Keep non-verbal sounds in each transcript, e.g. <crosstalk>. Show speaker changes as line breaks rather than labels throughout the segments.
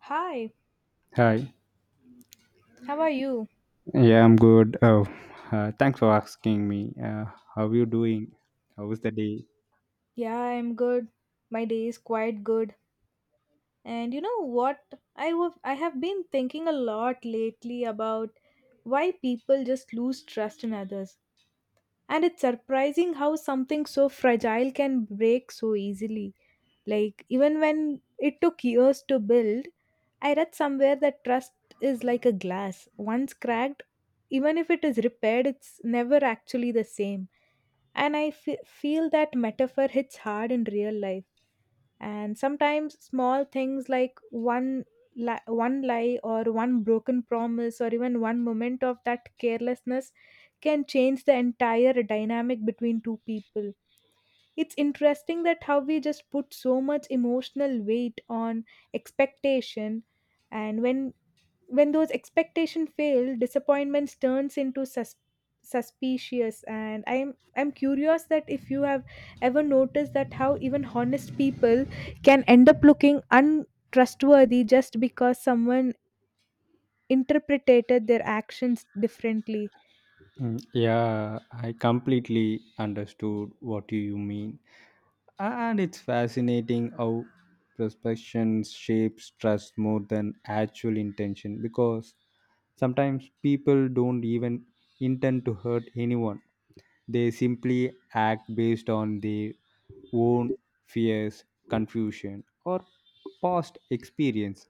Hi,
Hi.
how are you?
Yeah, I'm good. Oh, thanks for asking me. How are you doing? How was the day?
Yeah, I'm good. My day is quite good. And you know what? I have been thinking a lot lately about why people just lose trust in others. And it's surprising how something so fragile can break so easily. Like even when it took years to build, I read somewhere that trust is like a glass. Once cracked, even if it is repaired, it's never actually the same. And feel that metaphor hits hard in real life. And sometimes small things like one lie or one broken promise or even one moment of that carelessness can change the entire dynamic between two people. It's interesting that how we just put so much emotional weight on expectation, and when those expectations fail disappointments turns into suspicious, and I'm curious that if you have ever noticed that how even honest people can end up looking untrustworthy just because someone interpreted their actions differently.
Yeah, I completely understood what you mean. And it's fascinating how prospection shapes trust more than actual intention, because sometimes people don't even intend to hurt anyone. They simply act based on their own fears, confusion, or past experience.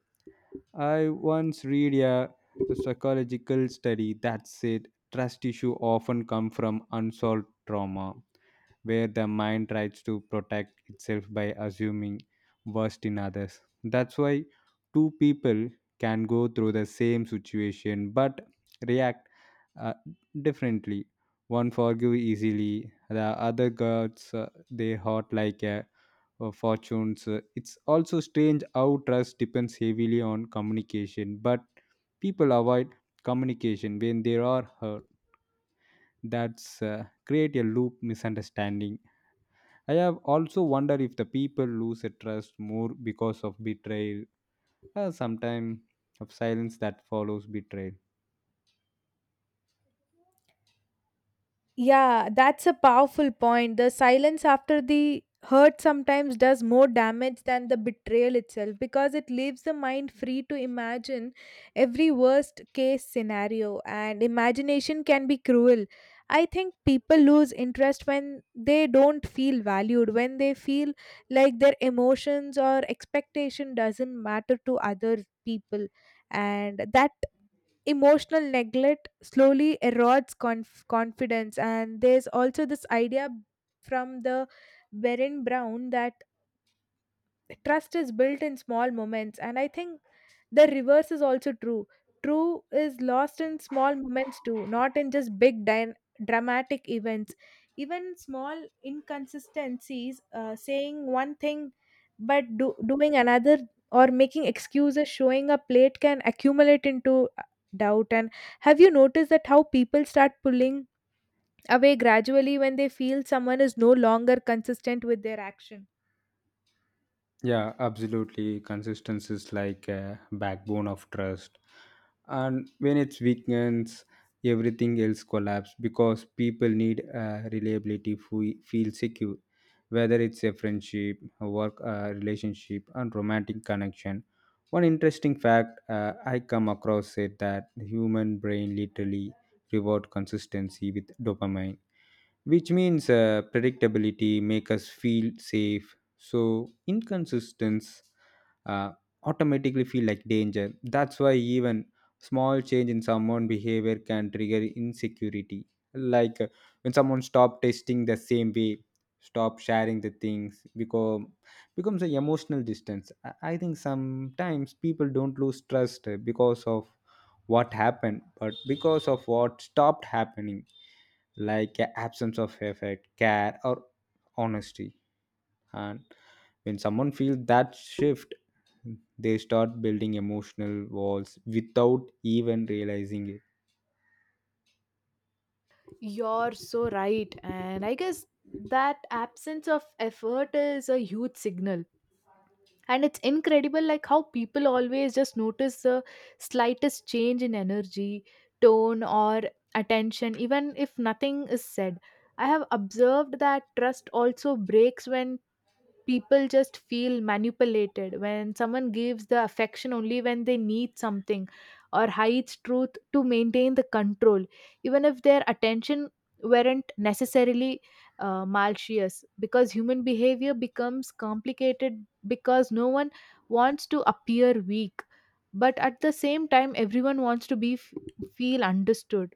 I once read a psychological study that said trust issue often come from unsolved trauma, where the mind tries to protect itself by assuming worst in others. That's why two people can go through the same situation but react uh, differently. One forgive easily, the other guards their heart like a fortunes. It's also strange how trust depends heavily on communication, but people avoid communication when they are hurt. That's create a loop misunderstanding. I have also wondered if the people lose a trust more because of betrayal, sometimes of silence that follows betrayal.
Yeah, that's a powerful point. The silence after the hurt sometimes does more damage than the betrayal itself because it leaves the mind free to imagine every worst case scenario, and imagination can be cruel. I think people lose interest when they don't feel valued, when they feel like their emotions or expectation doesn't matter to other people, and that emotional neglect slowly erodes confidence. And there's also this idea from the Baron Brown that trust is built in small moments, and I think the reverse is also true. True is lost in small moments too, not in just big dyn dramatic events. Even small inconsistencies, saying one thing but doing another, or making excuses, showing up late can accumulate into doubt. And have you noticed that how people start pulling away gradually when they feel someone is no longer consistent with their action?
Yeah, absolutely. Consistency is like a backbone of trust. And when it's weakens, everything else collapses because people need reliability, feel secure, whether it's a friendship, a work relationship, and romantic connection. One interesting fact I come across said that the human brain literally reward consistency with dopamine, which means predictability make us feel safe, so inconsistence uh, automatically feel like danger. That's why even small change in someone behavior can trigger insecurity, like when someone stop testing the same way, stop sharing the things become becomes an emotional distance. I think sometimes people don't lose trust because of what happened but because of what stopped happening, like a absence of effort, care, or honesty. And when someone feels that shift, they start building emotional walls without even realizing it.
You're so right. And I guess that absence of effort is a huge signal. And it's incredible, like how people always just notice the slightest change in energy, tone, or attention, even if nothing is said. I have observed that trust also breaks when people just feel manipulated, when someone gives the affection only when they need something or hides truth to maintain the control, even if their attention weren't necessarily malicious, because human behavior becomes complicated because no one wants to appear weak, but at the same time everyone wants to feel understood.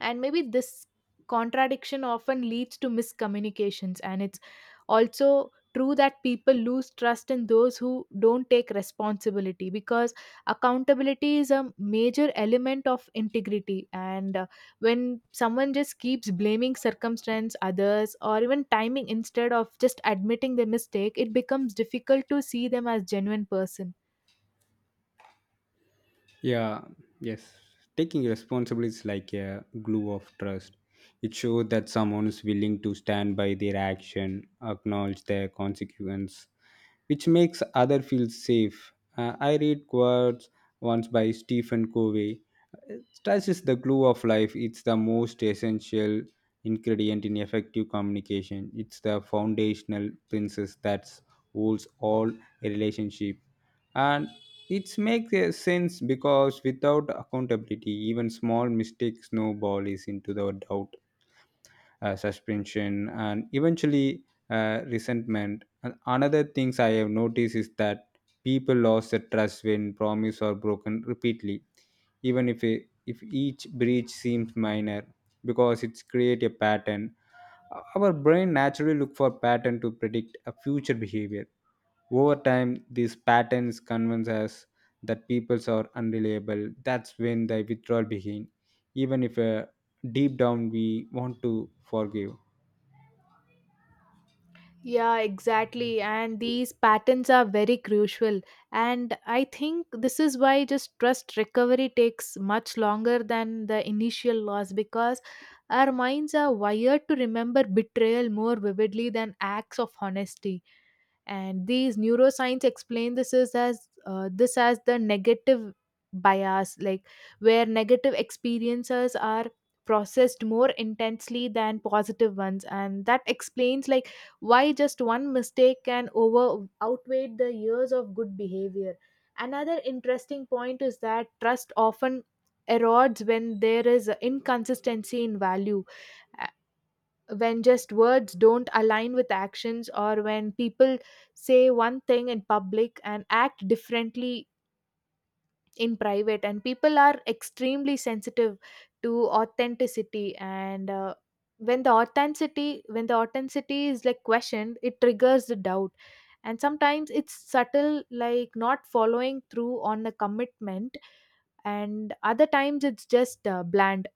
And maybe this contradiction often leads to miscommunications. And it's also true that people lose trust in those who don't take responsibility because accountability is a major element of integrity. And when someone just keeps blaming circumstance, others, or even timing instead of just admitting the mistake, it becomes difficult to see them as genuine person.
Yeah yes taking responsibility is like a glue of trust. It shows that someone is willing to stand by their action, acknowledge their consequence, which makes other feel safe. I read quotes once by Stephen Covey. Uh, Trust is the glue of life. It's the most essential ingredient in effective communication. It's the foundational principle that holds all relationship, and it makes a sense, because without accountability, even small mistakes snowball is into the doubt, suspension, and eventually resentment. And another things I have noticed is that people lost the trust when promise are broken repeatedly, even if it, if each breach seems minor, because it's create a pattern. Our brain naturally look for pattern to predict a future behavior. Over time these patterns convince us that people are unreliable. That's when the withdrawal begin, even if deep down we want to forgive.
Yeah, exactly. And these patterns are very crucial. And I think this is why just trust recovery takes much longer than the initial loss because our minds are wired to remember betrayal more vividly than acts of honesty, and these neuroscience explain this is as this as the negative bias, like where negative experiences are processed more intensely than positive ones, and that explains like why just one mistake can over outweigh the years of good behavior. Another interesting point is that trust often erodes when there is inconsistency in value, when just words don't align with actions or when people say one thing in public and act differently in private. And people are extremely sensitive to authenticity. And when the authenticity is like questioned it triggers the doubt. And sometimes it's subtle, like not following through on a commitment, and other times it's just bland,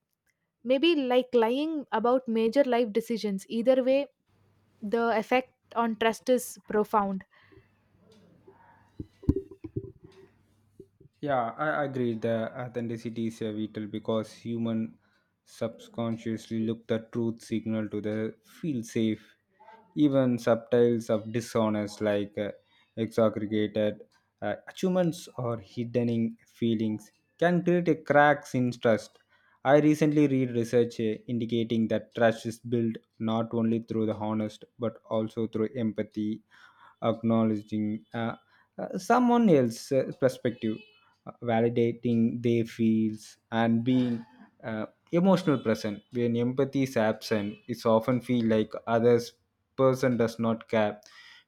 maybe like lying about major life decisions. Either way, the effect on trust is profound.
Yeah, I agree. The authenticity is a vital because human subconsciously look the truth signal to the feel safe. Even subtitles of dishonest like exaggregated achievements or hidden in feelings can create a cracks in trust. I recently read research indicating that trust is built not only through the honest but also through empathy, acknowledging someone else's perspective, validating their feels, and being uh, emotional present. When empathy is absent, it's often feel like others person does not care,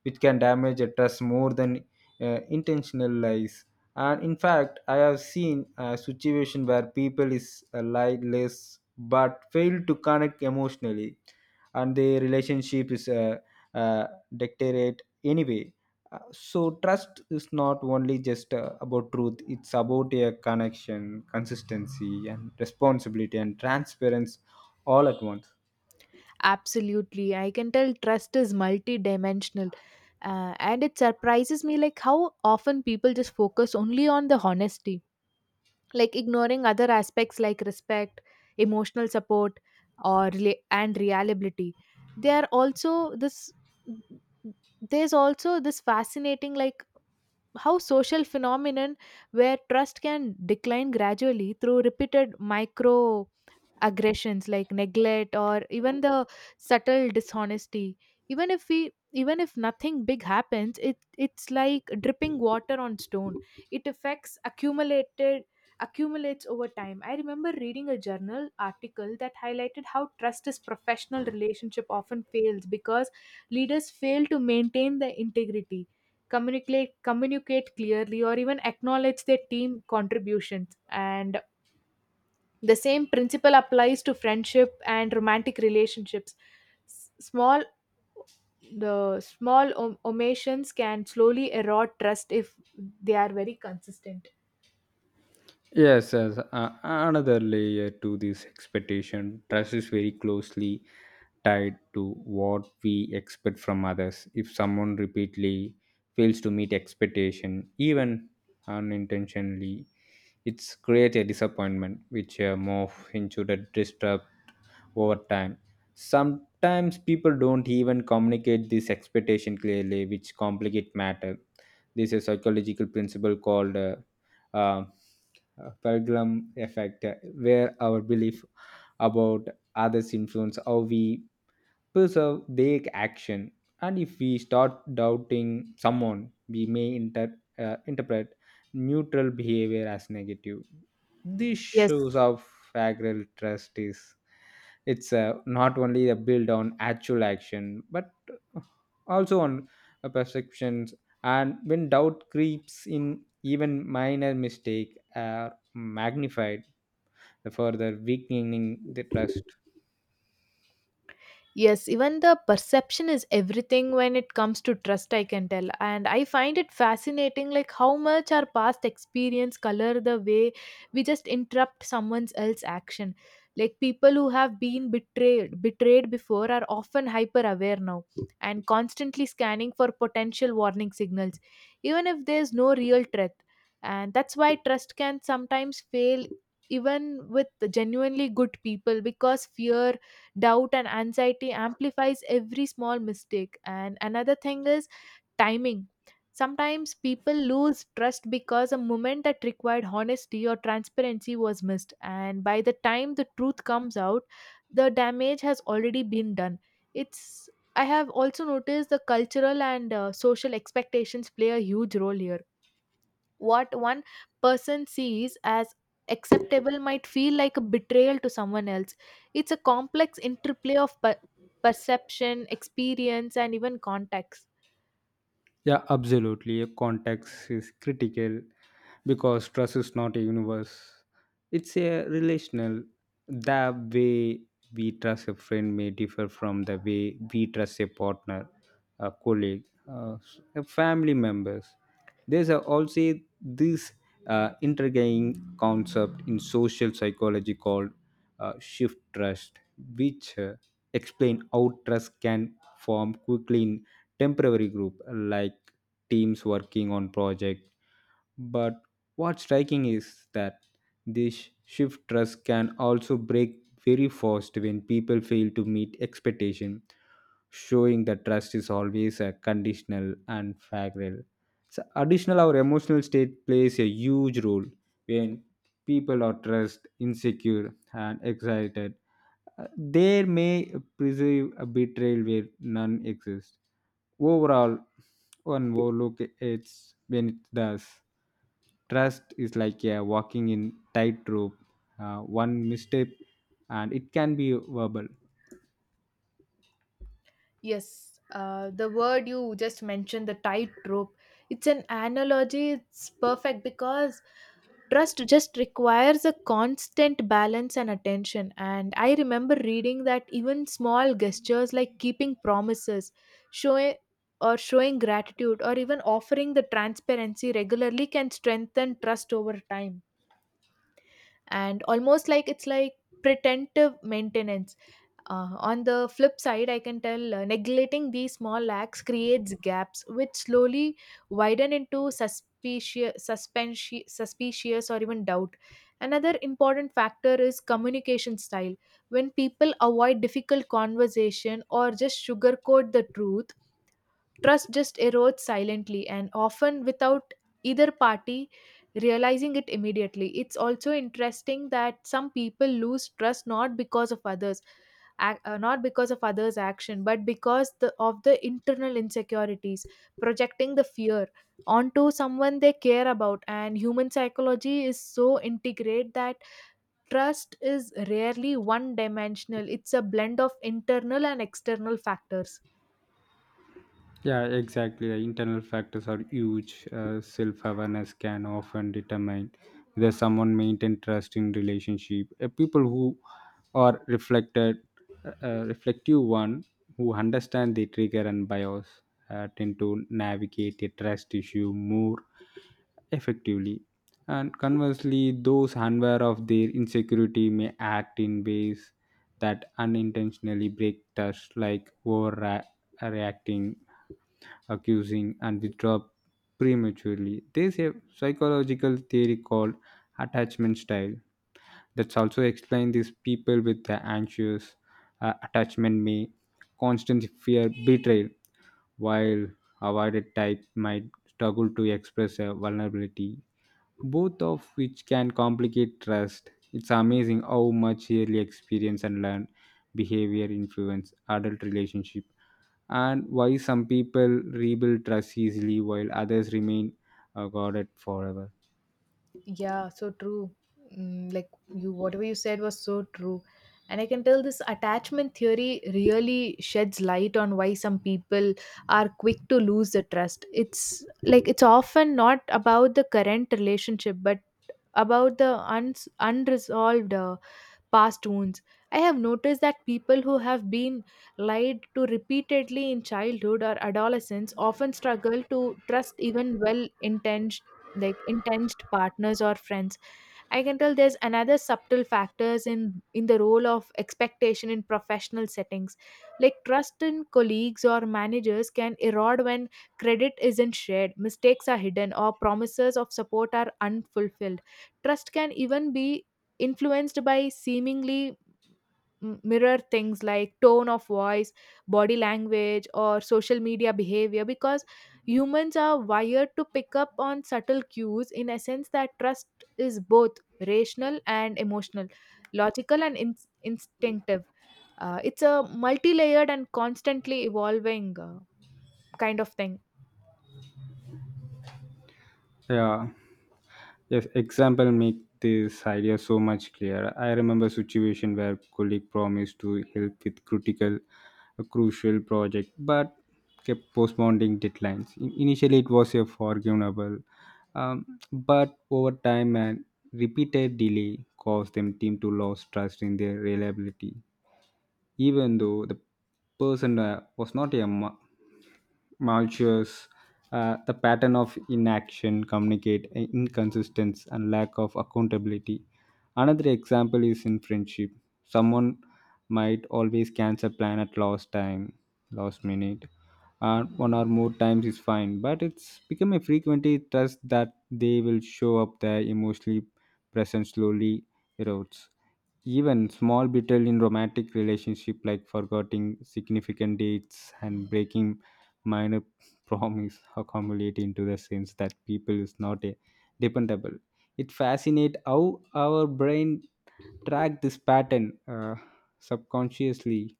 which can damage a trust more than intentional lies. And in fact I have seen a situation where people is lie less but fail to connect emotionally, and their relationship is uh, deteriorate anyway. So trust is not only just about truth, it's about a connection, consistency, and responsibility, and transparency all at once.
Absolutely, I can tell trust is multidimensional. And it surprises me like how often people just focus only on the honesty, like ignoring other aspects like respect, emotional support, or and reliability. They are also this There's also this fascinating like how social phenomenon where trust can decline gradually through repeated micro aggressions like neglect or even the subtle dishonesty. Even if nothing big happens, it's like dripping water on stone. It affects accumulated accumulates over time. I remember reading a journal article that highlighted how trust is professional relationship often fails because leaders fail to maintain the integrity, communicate clearly, or even acknowledge their team contributions. And the same principle applies to friendship and romantic relationships. S- small the small omissions can slowly erode trust if they are very consistent.
Yes, another layer to this expectation: trust is very closely tied to what we expect from others. If someone repeatedly fails to meet expectation, even unintentionally, it's create a disappointment, which more into the disturbs over time. Sometimes people don't even communicate this expectation clearly, which complicate matter. This is a psychological principle called uh, pendulum effect, where our belief about others influence how we preserve their action. And if we start doubting someone, we may interpret neutral behavior as negative. This
Yes.
shows how fragile trust is. It's not only a build on actual action, but also on perceptions. And when doubt creeps in, even minor mistake are magnified, the further weakening the trust.
Yes, even the perception is everything when it comes to trust, I can tell. And I find it fascinating, like how much our past experience color the way we just interrupt someone else's action. Like people who have been betrayed before are often hyper aware now and constantly scanning for potential warning signals, even if there's no real threat. And that's why trust can sometimes fail even with genuinely good people because fear, doubt, and anxiety amplifies every small mistake. And another thing is timing. Sometimes people lose trust because a moment that required honesty or transparency was missed, and by the time the truth comes out the damage has already been done. It's I have also noticed the cultural and social expectations play a huge role here. What one person sees as acceptable might feel like a betrayal to someone else. It's a complex interplay of perception, experience, and even context.
Yeah, absolutely. Context is critical because trust is not a universe, it's a relational. The way we trust a friend may differ from the way we trust a partner, a colleague, uh, a family members. There's also this intriguing concept in social psychology called shift trust, which explain how trust can form quickly in temporary group like teams working on project, but what's striking is that this shift trust can also break very fast when people fail to meet expectation, showing that trust is always a conditional and fragile. So additional our emotional state plays a huge role. When people are trust insecure and excited, there may preserve a betrayal where none exists. Overall, one overlook it's when it does. Trust is like a walking in tightrope. One misstep, and it can be verbal.
Yes, the word you just mentioned, the tightrope, it's an analogy. It's perfect because trust just requires a constant balance and attention. And I remember reading that even small gestures like keeping promises, showing showing gratitude, or even offering the transparency regularly can strengthen trust over time. And almost like it's like pretentive maintenance. On the flip side, I can tell neglecting these small lacks creates gaps which slowly widen into suspicious, suspension, suspicious, or even doubt. Another important factor is communication style. When people avoid difficult conversation or just sugarcoat the truth, trust just erodes silently and often without either party realizing it immediately. It's also interesting that some people lose trust not because of not because of others action but because of the internal insecurities projecting the fear onto someone they care about. And human psychology is so integrate that trust is rarely one dimensional. It's a blend of internal and external factors.
Yeah, exactly. The internal factors are huge. Self awareness can often determine whether someone maintain trust in relationship. People who are reflected, reflective one who understand the trigger and bias tend to navigate a trust issue more effectively. And conversely, those unaware of their insecurity may act in ways that unintentionally break trust, like overreacting, accusing, and withdraw prematurely. There's a psychological theory called attachment style that's also explained these. People with the anxious attachment may constantly fear betrayal, while avoided type might struggle to express a vulnerability, both of which can complicate trust. It's amazing how much early experience and learned behavior influence adult relationship, and why some people rebuild trust easily while others remain guarded forever.
Yeah, so true. Mm, like you, whatever you said was so true. And I can tell this attachment theory really sheds light on why some people are quick to lose the trust. It's like it's often not about the current relationship, but about the uns unresolved past wounds. I have noticed that people who have been lied to repeatedly in childhood or adolescence often struggle to trust even well intentioned like intense partners or friends. I can tell there's another subtle factors in the role of expectation in professional settings. Like trust in colleagues or managers can erode when credit isn't shared, mistakes are hidden, or promises of support are unfulfilled. Trust can even be influenced by seemingly mirror things like tone of voice, body language, or social media behavior because humans are wired to pick up on subtle cues, in a sense that trust is both rational and emotional, logical and instinctive. It's a multi layered and constantly evolving kind of thing.
Yeah, yes, example make this idea so much clearer. I remember situation where colleague promised to help with a crucial project, but kept postponing deadlines. Initially, it was a forgivable, um, but over time and repeated delay caused them team to lose trust in their reliability, even though the person was not malicious. The pattern of inaction communicate inconsistence and lack of accountability. Another example is in friendship. Someone might always cancel plan at last minute, and one or more times is fine. But it's become a frequently trust that they will show up there emotionally present slowly erodes. Even small betrayal in romantic relationship like forgetting significant dates and breaking minor <laughs> promise accumulate into the sense that people is not a dependable. It fascinates how our brain track this pattern subconsciously,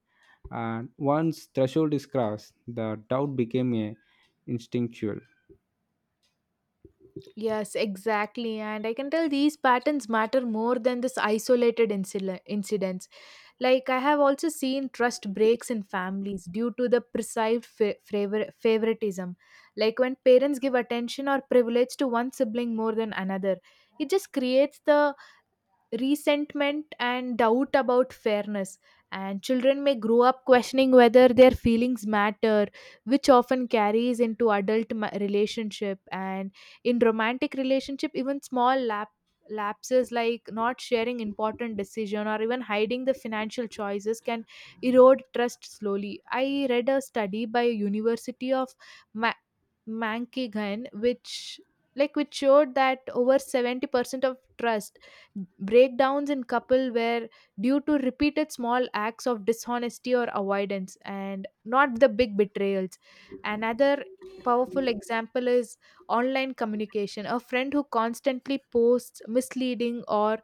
and once threshold is crossed the doubt became a instinctual.
Yes, exactly. And I can tell these patterns matter more than this isolated incidents. Like, I have also seen trust breaks in families due to the perceived favoritism. Like, when parents give attention or privilege to one sibling more than another, it just creates the resentment and doubt about fairness. And children may grow up questioning whether their feelings matter, which often carries into relationship. And in romantic relationship, even small lapses like not sharing important decision or even hiding the financial choices can erode trust slowly. I read a study by University of Ma- Mankigan, which showed that over 70% of trust breakdowns in couple were due to repeated small acts of dishonesty or avoidance and not the big betrayals. Another powerful example is online communication. A friend who constantly posts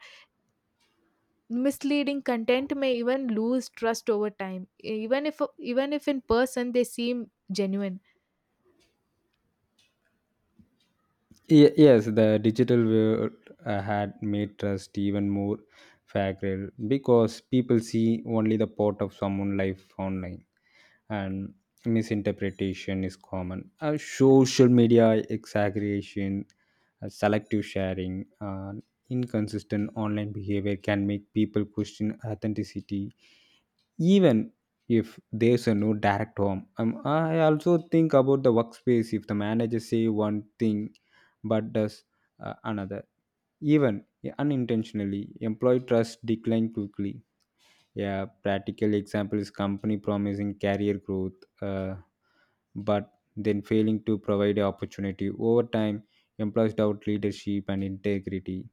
misleading content may even lose trust over time, even if in person they seem genuine.
Yes, the digital world had made trust even more fragile because people see only the part of someone's life online, and misinterpretation is common. Social media exaggeration, selective sharing, inconsistent online behavior can make people question authenticity, even if there's a no direct harm. I also think about the workspace. If the manager say one thing but does another. Even unintentionally, employee trust decline quickly. A practical example is company promising career growth, uh, but then failing to provide an opportunity. Over time, employees doubt leadership and integrity.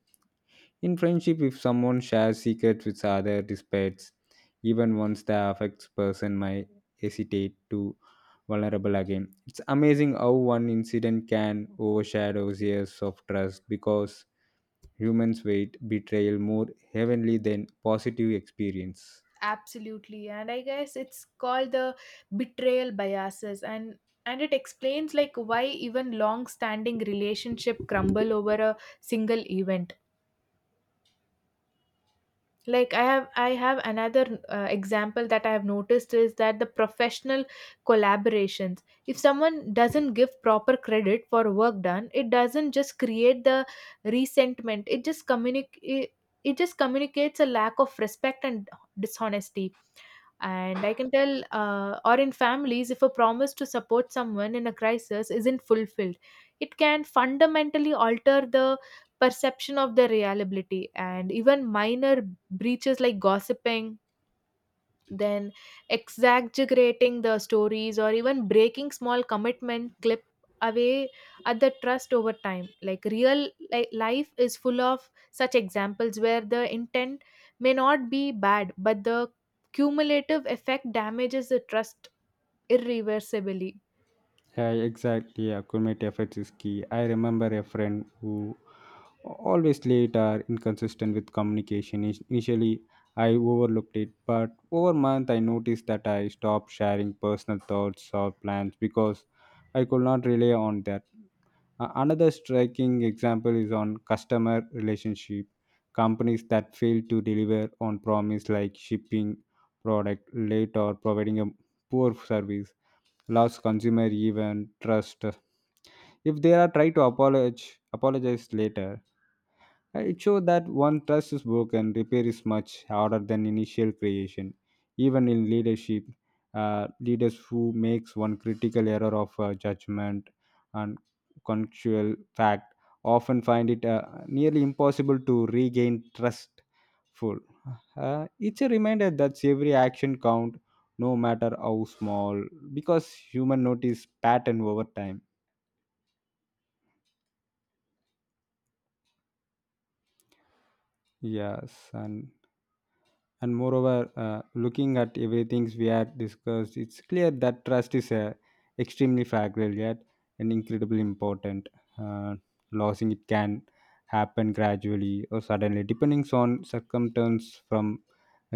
In friendship, if someone shares secrets with other despite even once, the affects person might hesitate to vulnerable again. It's amazing how one incident can overshadow years of trust because humans weight betrayal more heavenly than positive experience.
Absolutely, and I guess it's called the betrayal biases, and it explains like why even long standing relationship crumble over a single event. Like I have another example that I have noticed is that the professional collaborations, if someone doesn't give proper credit for work done, it doesn't just create the resentment, it just communicates a lack of respect and dishonesty. And I can tell, or in families, if a promise to support someone in a crisis isn't fulfilled, it can fundamentally alter the perception of their reliability. And even minor breaches like gossiping, then exaggerating the stories, or even breaking small commitment clip away at the trust over time. Like life is full of such examples where the intent may not be bad but the cumulative effect damages the trust irreversibly.
Yeah, exactly. Accurate efforts is key. I remember a friend who always late or inconsistent with communication. Initially, I overlooked it, but over month I noticed that I stopped sharing personal thoughts or plans because I could not rely on that. Another striking example is on customer relationship. Companies that fail to deliver on promise, like shipping product late or providing a poor service, loves consumer even trust. If they are try to apologize later, it showed that one trust is broken, repair is much harder than initial creation. Even in leadership, leaders who makes one critical error of judgment and contextual fact often find it nearly impossible to regain trust full. It's a reminder that every action count, no matter how small, because human notice pattern over time. Yes, and moreover, looking at everything we had discussed, it's clear that trust is extremely fragile yet and incredibly important. uh, Losing it can happen gradually or suddenly depending on circumstance, from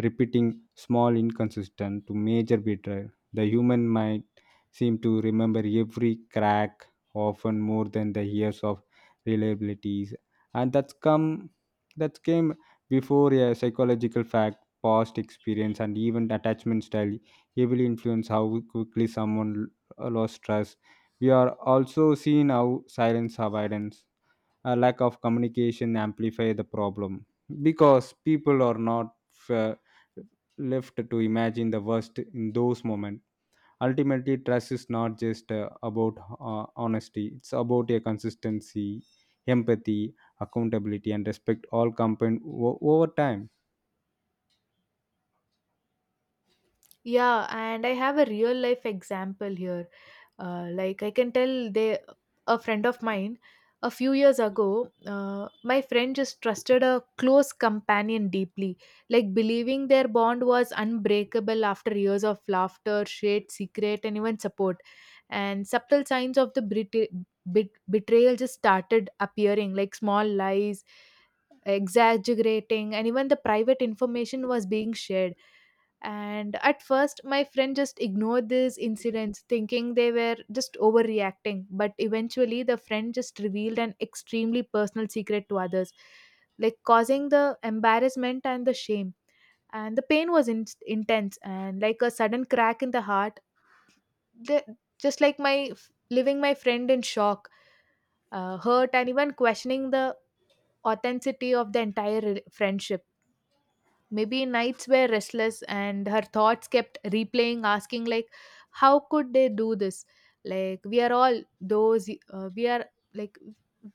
repeating small inconsistent to major betrayal. The human mind seem to remember every crack, often more than the years of reliabilities, and that came before a psychological fact. Past experience and even attachment style heavily influence how quickly someone lost trust. We are also seeing how silence avoidance, a lack of communication amplify the problem because people are not uh, left to imagine the worst in those moments. Ultimately, trust is not just about honesty; it's about a consistency, empathy, accountability, and respect all combined over time.
Yeah, and I have a real life example here. Like I can tell they a friend of mine a few years ago, my friend just trusted a close companion deeply, like believing their bond was unbreakable after years of laughter, shared secret, and even support. And subtle signs of the betrayal just started appearing, like small lies, exaggerating, and even the private information was being shared. And at first, my friend just ignored these incidents, thinking they were just overreacting. But eventually, the friend just revealed an extremely personal secret to others, like causing the embarrassment and the shame. And the pain was intense and like a sudden crack in the heart, the- just like my leaving my friend in shock, hurt, and even questioning the authenticity of the entire friendship. Maybe nights were restless and her thoughts kept replaying, asking, like, how could they do this? Like, like,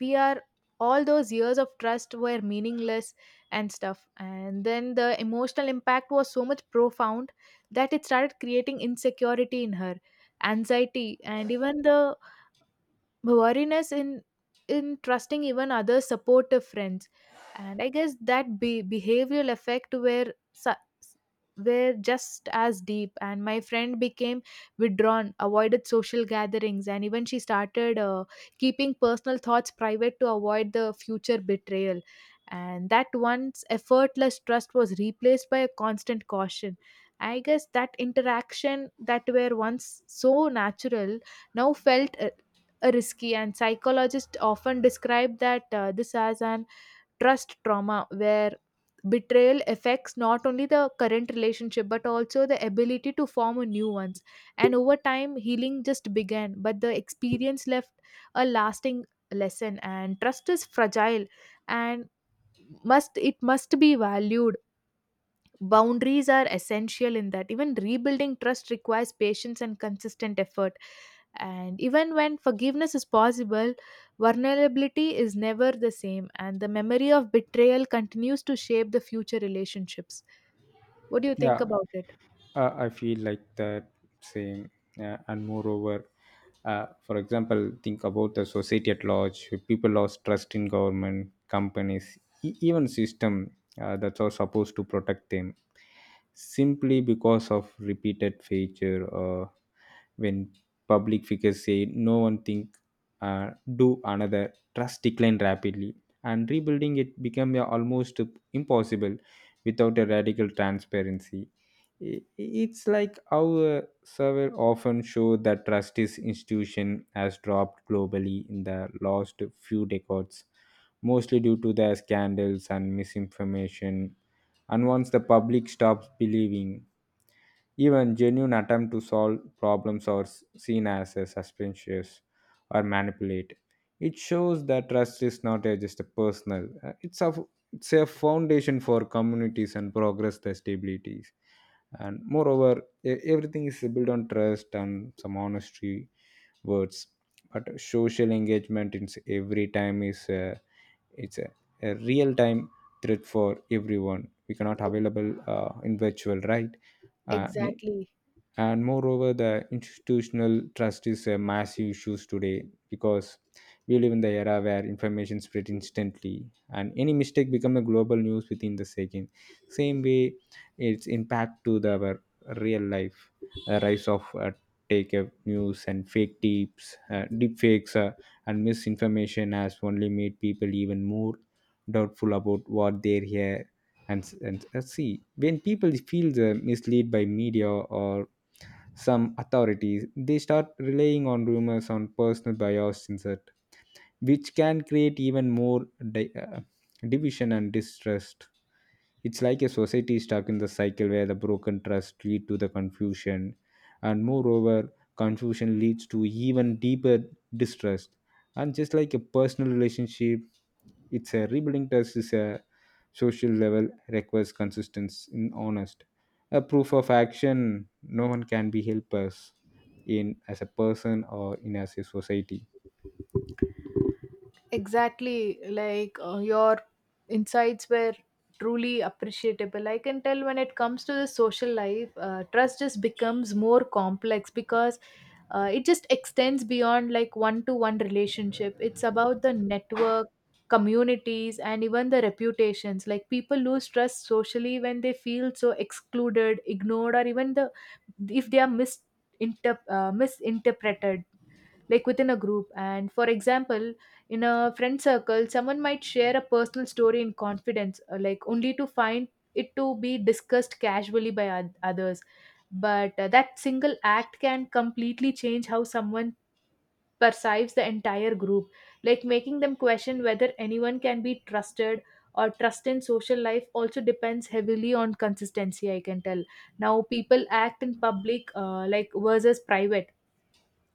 we are all those years of trust were meaningless and stuff. And then the emotional impact was so much profound that it started creating insecurity in her, anxiety, and even the worriness in trusting even other supportive friends. And I guess that behavioral effect were just as deep, and my friend became withdrawn, avoided social gatherings, and even she started keeping personal thoughts private to avoid the future betrayal. And that once effortless trust was replaced by a constant caution. I guess that interaction that were once so natural now felt risky. And psychologists often describe that this as an trust trauma, where betrayal affects not only the current relationship but also the ability to form a new ones. And over time healing just began, but the experience left a lasting lesson. And trust is fragile and must it must be valued. Boundaries are essential in that. Even rebuilding trust requires patience and consistent effort. And even when forgiveness is possible, vulnerability is never the same, and the memory of betrayal continues to shape the future relationships. What do you think
Yeah,
about it?
I feel like that same, and moreover, for example, think about the society at large. People lost trust in government, companies, even system that are supposed to protect them, simply because of repeated failure. When public figures say no one think, do another, trust declined rapidly and rebuilding it became almost impossible without a radical transparency. It's like our survey often show that trust is institution has dropped globally in the last few decades, mostly due to the scandals and misinformation. And once the public stops believing, even genuine attempt to solve problems are seen as a suspicious or manipulate. It shows that trust is not a, just a personal; it's a, it's a foundation for communities and progress the stabilities. And moreover, everything is built on trust and some honesty words. But social engagement in every time is a, it's a real time threat for everyone. We cannot available in virtual, right? uh,
Exactly.
and moreover, the institutional trust is a massive issue today because we live in the era where information spread instantly and any mistake become a global news within the second. Same way its impact to the our real life. The rise of take news and fake tips, deep fakes, and misinformation has only made people even more doubtful about what they hear and see. When people feel the misled by media or some authorities, they start relying on rumors on personal bias insert, which can create even more di- uh, division and distrust. It's like a society is stuck in the cycle where the broken trust lead to the confusion, and moreover, confusion leads to even deeper distrust. And just like a personal relationship, it's a rebuilding trust is a social level requires consistency in honest. A proof of action no one can be help us in as a person or in as a society.
Exactly, like your insights were truly appreciable. I can tell when it comes to the social life, trust just becomes more complex because it just extends beyond like one to one relationship. It's about the network, communities, and even the reputations. Like people lose trust socially when they feel so excluded, ignored, or even the if they are misinterpreted like within a group. And for example, in a friend circle, someone might share a personal story in confidence, like only to find it to be discussed casually by others. But that single act can completely change how someone perceives the entire group, like making them question whether anyone can be trusted. Or trust in social life also depends heavily on consistency, I can tell. Now people act in public like versus private,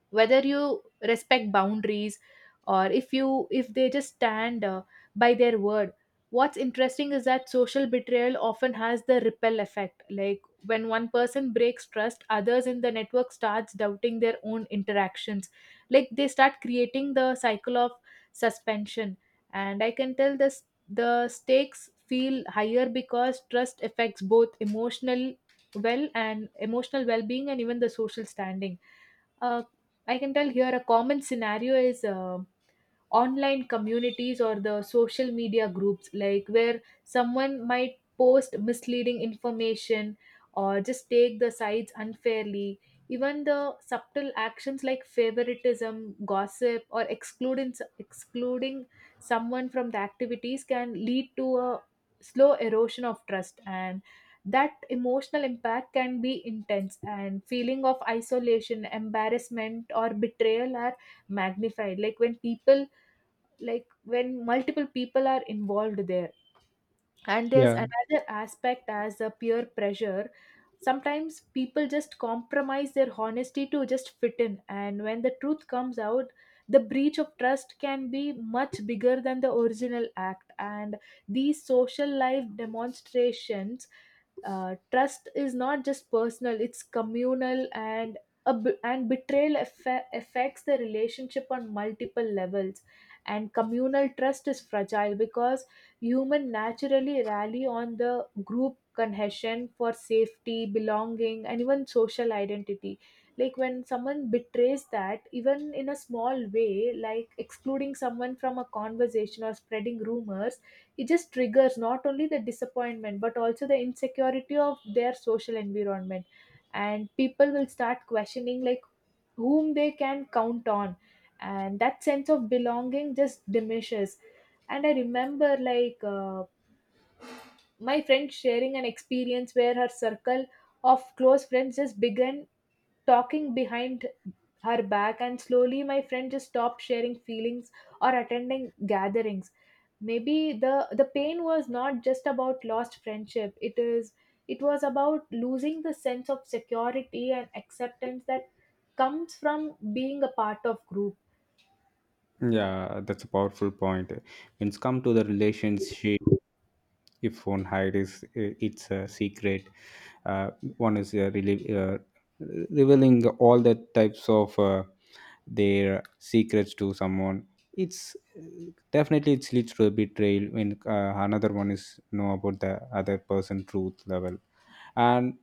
whether you respect boundaries, or if they just stand by their word. What's interesting is that social betrayal often has the ripple effect. Like when one person breaks trust, others in the network starts doubting their own interactions, like they start creating the cycle of suspension. And I can tell this, the stakes feel higher because trust affects both emotional well-being and even the social standing. uh, I can tell here a common scenario is online communities or the social media groups, like where someone might post misleading information or just take the sides unfairly. Even the subtle actions like favoritism, gossip, or excluding someone from the activities can lead to a slow erosion of trust. And that emotional impact can be intense, and feeling of isolation, embarrassment, or betrayal are magnified, like when multiple people are involved there. And there's
Yeah.
another aspect as a peer pressure. Sometimes people just compromise their honesty to just fit in, and when the truth comes out, the breach of trust can be much bigger than the original act. And these social life demonstrations, trust is not just personal, it's communal. And betrayal affects the relationship on multiple levels. And communal trust is fragile because humans naturally rally on the group cohesion for safety, belonging, and even social identity. Like when someone betrays that, even in a small way, like excluding someone from a conversation or spreading rumors, it just triggers not only the disappointment but also the insecurity of their social environment. And people will start questioning like whom they can count on, and that sense of belonging just diminishes. And I remember like my friend sharing an experience where her circle of close friends just began talking behind her back, and slowly my friend just stopped sharing feelings or attending gatherings. Maybe the the pain was not just about lost friendship, it was about losing the sense of security and acceptance that comes from being a part of group.
Yeah, that's a powerful point. When it's come to the relationship, if one hide is it's a secret, uh, one is really revealing all the types of their secrets to someone, it's definitely it leads to a betrayal when another one is know about the other person truth level. And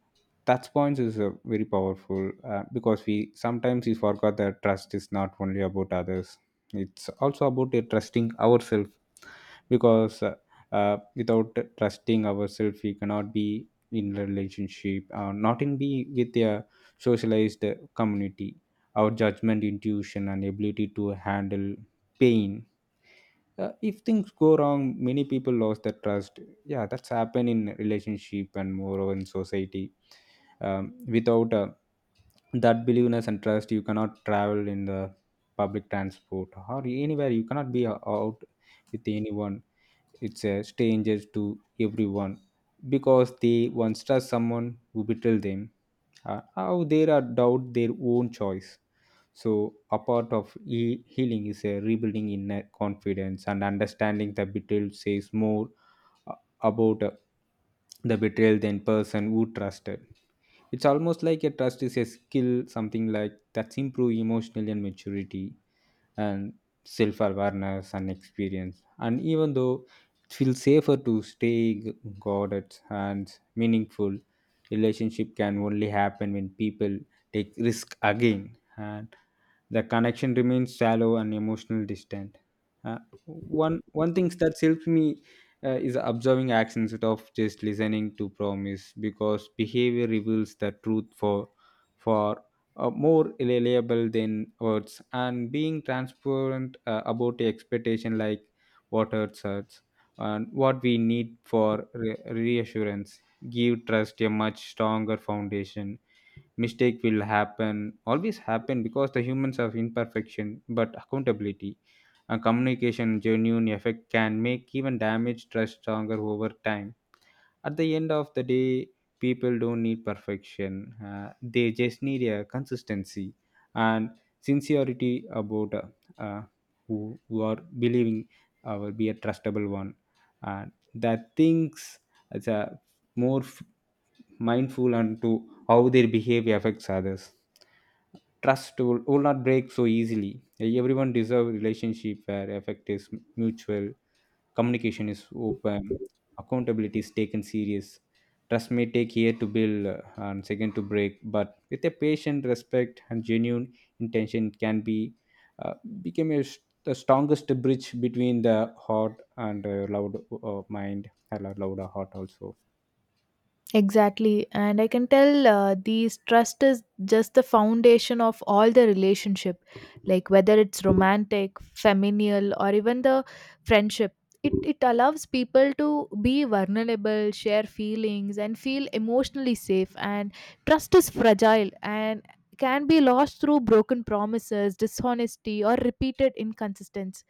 touch points is very powerful because we sometimes we forgot that trust is not only about others, it's also about trusting ourselves. Because without trusting ourselves, we cannot be in a relationship, not in be with a socialized community. Our judgment, intuition, and ability to handle pain, if things go wrong, many people lost their trust. Yeah, that's happened in relationship and moreover in society. um, Without that believeness and trust, you cannot travel in the public transport or anywhere, you cannot be out with anyone. It's a strangers to everyone, because they once trust someone who betrayed them. How they are doubt their own choice. So a part of healing is a rebuilding inner confidence and understanding the betrayal says more uh, about the betrayal than person who trusted. It's almost like a trust is a skill, something like that's improve emotional and maturity and self awareness and experience. And even though it feels safer to stay guarded and meaningful, relationship can only happen when people take risk again. And the connection remains shallow and emotional distant. Uh, one thing that helps me is observing actions instead of just listening to promise, because behavior reveals the truth for for more reliable than words. And being transparent about the expectation, like what hurts us and what we need for reassurance, give trust a much stronger foundation. Mistake will happen, always happen, because the humans have imperfection, but accountability, a communication, genuine effect can make even damage trust stronger over time. At the end of the day, people don't need perfection, uh, they just need a consistency and sincerity about uh, who are believing will be a trustable one. And that thinks it's a more mindful and to how their behavior affects others, trust will not break so easily. Everyone deserve relationship where effect is mutual, communication is open, accountability is taken serious. Trust may take year to build, and second to break, but with a patient respect and genuine intention, it can be uh, become a, the strongest bridge between the heart and loud, mind and a louder heart also.
Exactly. And I can tell these trust is just the foundation of all the relationship, like whether it's romantic, familial, or even the friendship. It allows people to be vulnerable, share feelings, and feel emotionally safe. And trust is fragile and can be lost through broken promises, dishonesty, or repeated inconsistency.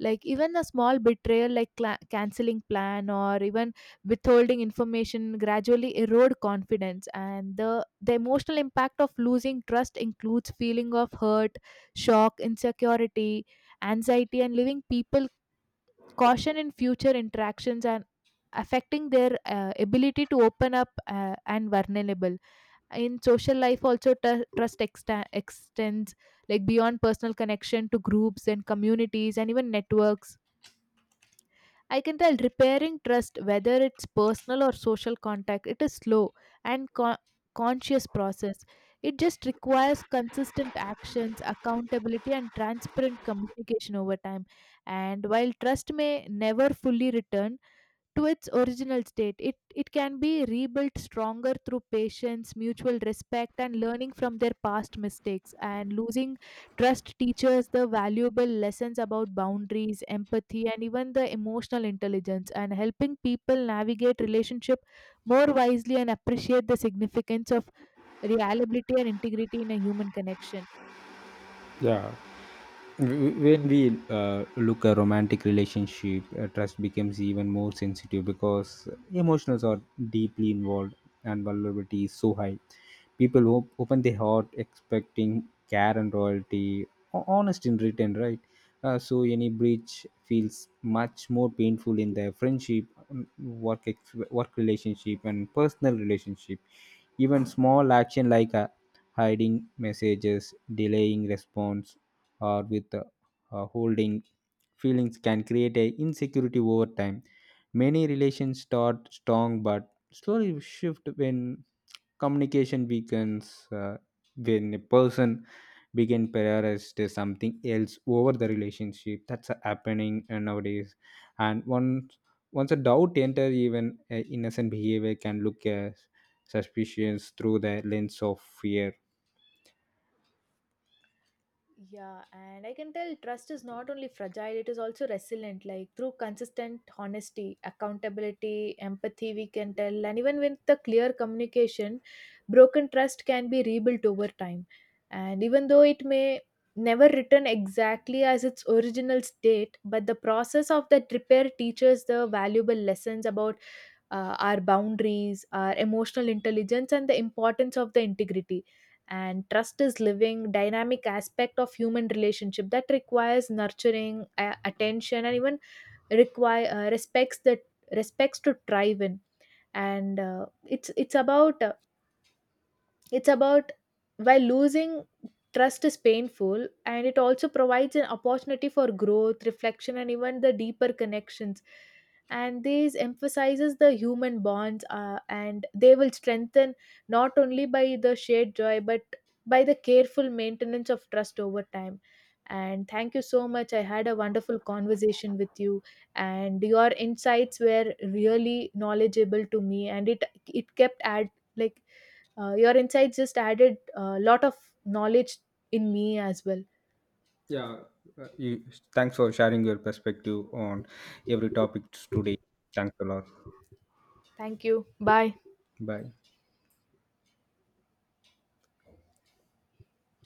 Like even a small betrayal like cla canceling plan or even withholding information gradually erode confidence. And the emotional impact of losing trust includes feeling of hurt, shock, insecurity, anxiety, and leaving people caution in future interactions, and affecting their ability to open up and vulnerable. In social life also trust exta extends like beyond personal connection to groups and communities and even networks. I can tell repairing trust, whether it's personal or social contact, it is slow and conscious process. It just requires consistent actions, accountability, and transparent communication over time. And while trust may never fully return to its original state, it can be rebuilt stronger through patience, mutual respect, and learning from their past mistakes. And losing trust teaches the valuable lessons about boundaries, empathy, and even the emotional intelligence, and helping people navigate relationship more wisely and appreciate the significance of reliability and integrity in a human connection.
Yeah. When we look at romantic relationship, trust becomes even more sensitive because emotions are deeply involved and vulnerability is so high. People open their heart expecting care and loyalty, honest in return, right? So any breach feels much more painful in their friendship, work work relationship and personal relationship. Even small action like hiding messages, delaying response, or with holding feelings can create a insecurity over time. Many relations start strong but slowly shift when communication weakens, when a person begin prioritize something else over the relationship. That's happening nowadays. And once a doubt enters, even innocent behavior can look as suspicions through the lens of fear.
Yeah, and I can tell trust is not only fragile, it is also resilient. Like through consistent honesty, accountability, empathy, we can tell, and even with the clear communication, broken trust can be rebuilt over time. And even though it may never return exactly as its original state, but the process of that repair teaches the valuable lessons about our boundaries, our emotional intelligence, and the importance of the integrity. And trust is living, dynamic aspect of human relationship that requires nurturing, attention, and even require respects to thrive in. And it's about it's about while losing trust is painful, and it also provides an opportunity for growth, reflection, and even the deeper connections. And these emphasizes the human bonds, and they will strengthen not only by the shared joy but by the careful maintenance of trust over time. And thank you so much. I had a wonderful conversation with you, and your insights were really knowledgeable to me. And it kept add like your insights just added a lot of knowledge in me as well.
Yeah, uh, you, thanks for sharing your perspective on every topic today. Thanks a lot.
Thank you, bye.
Bye.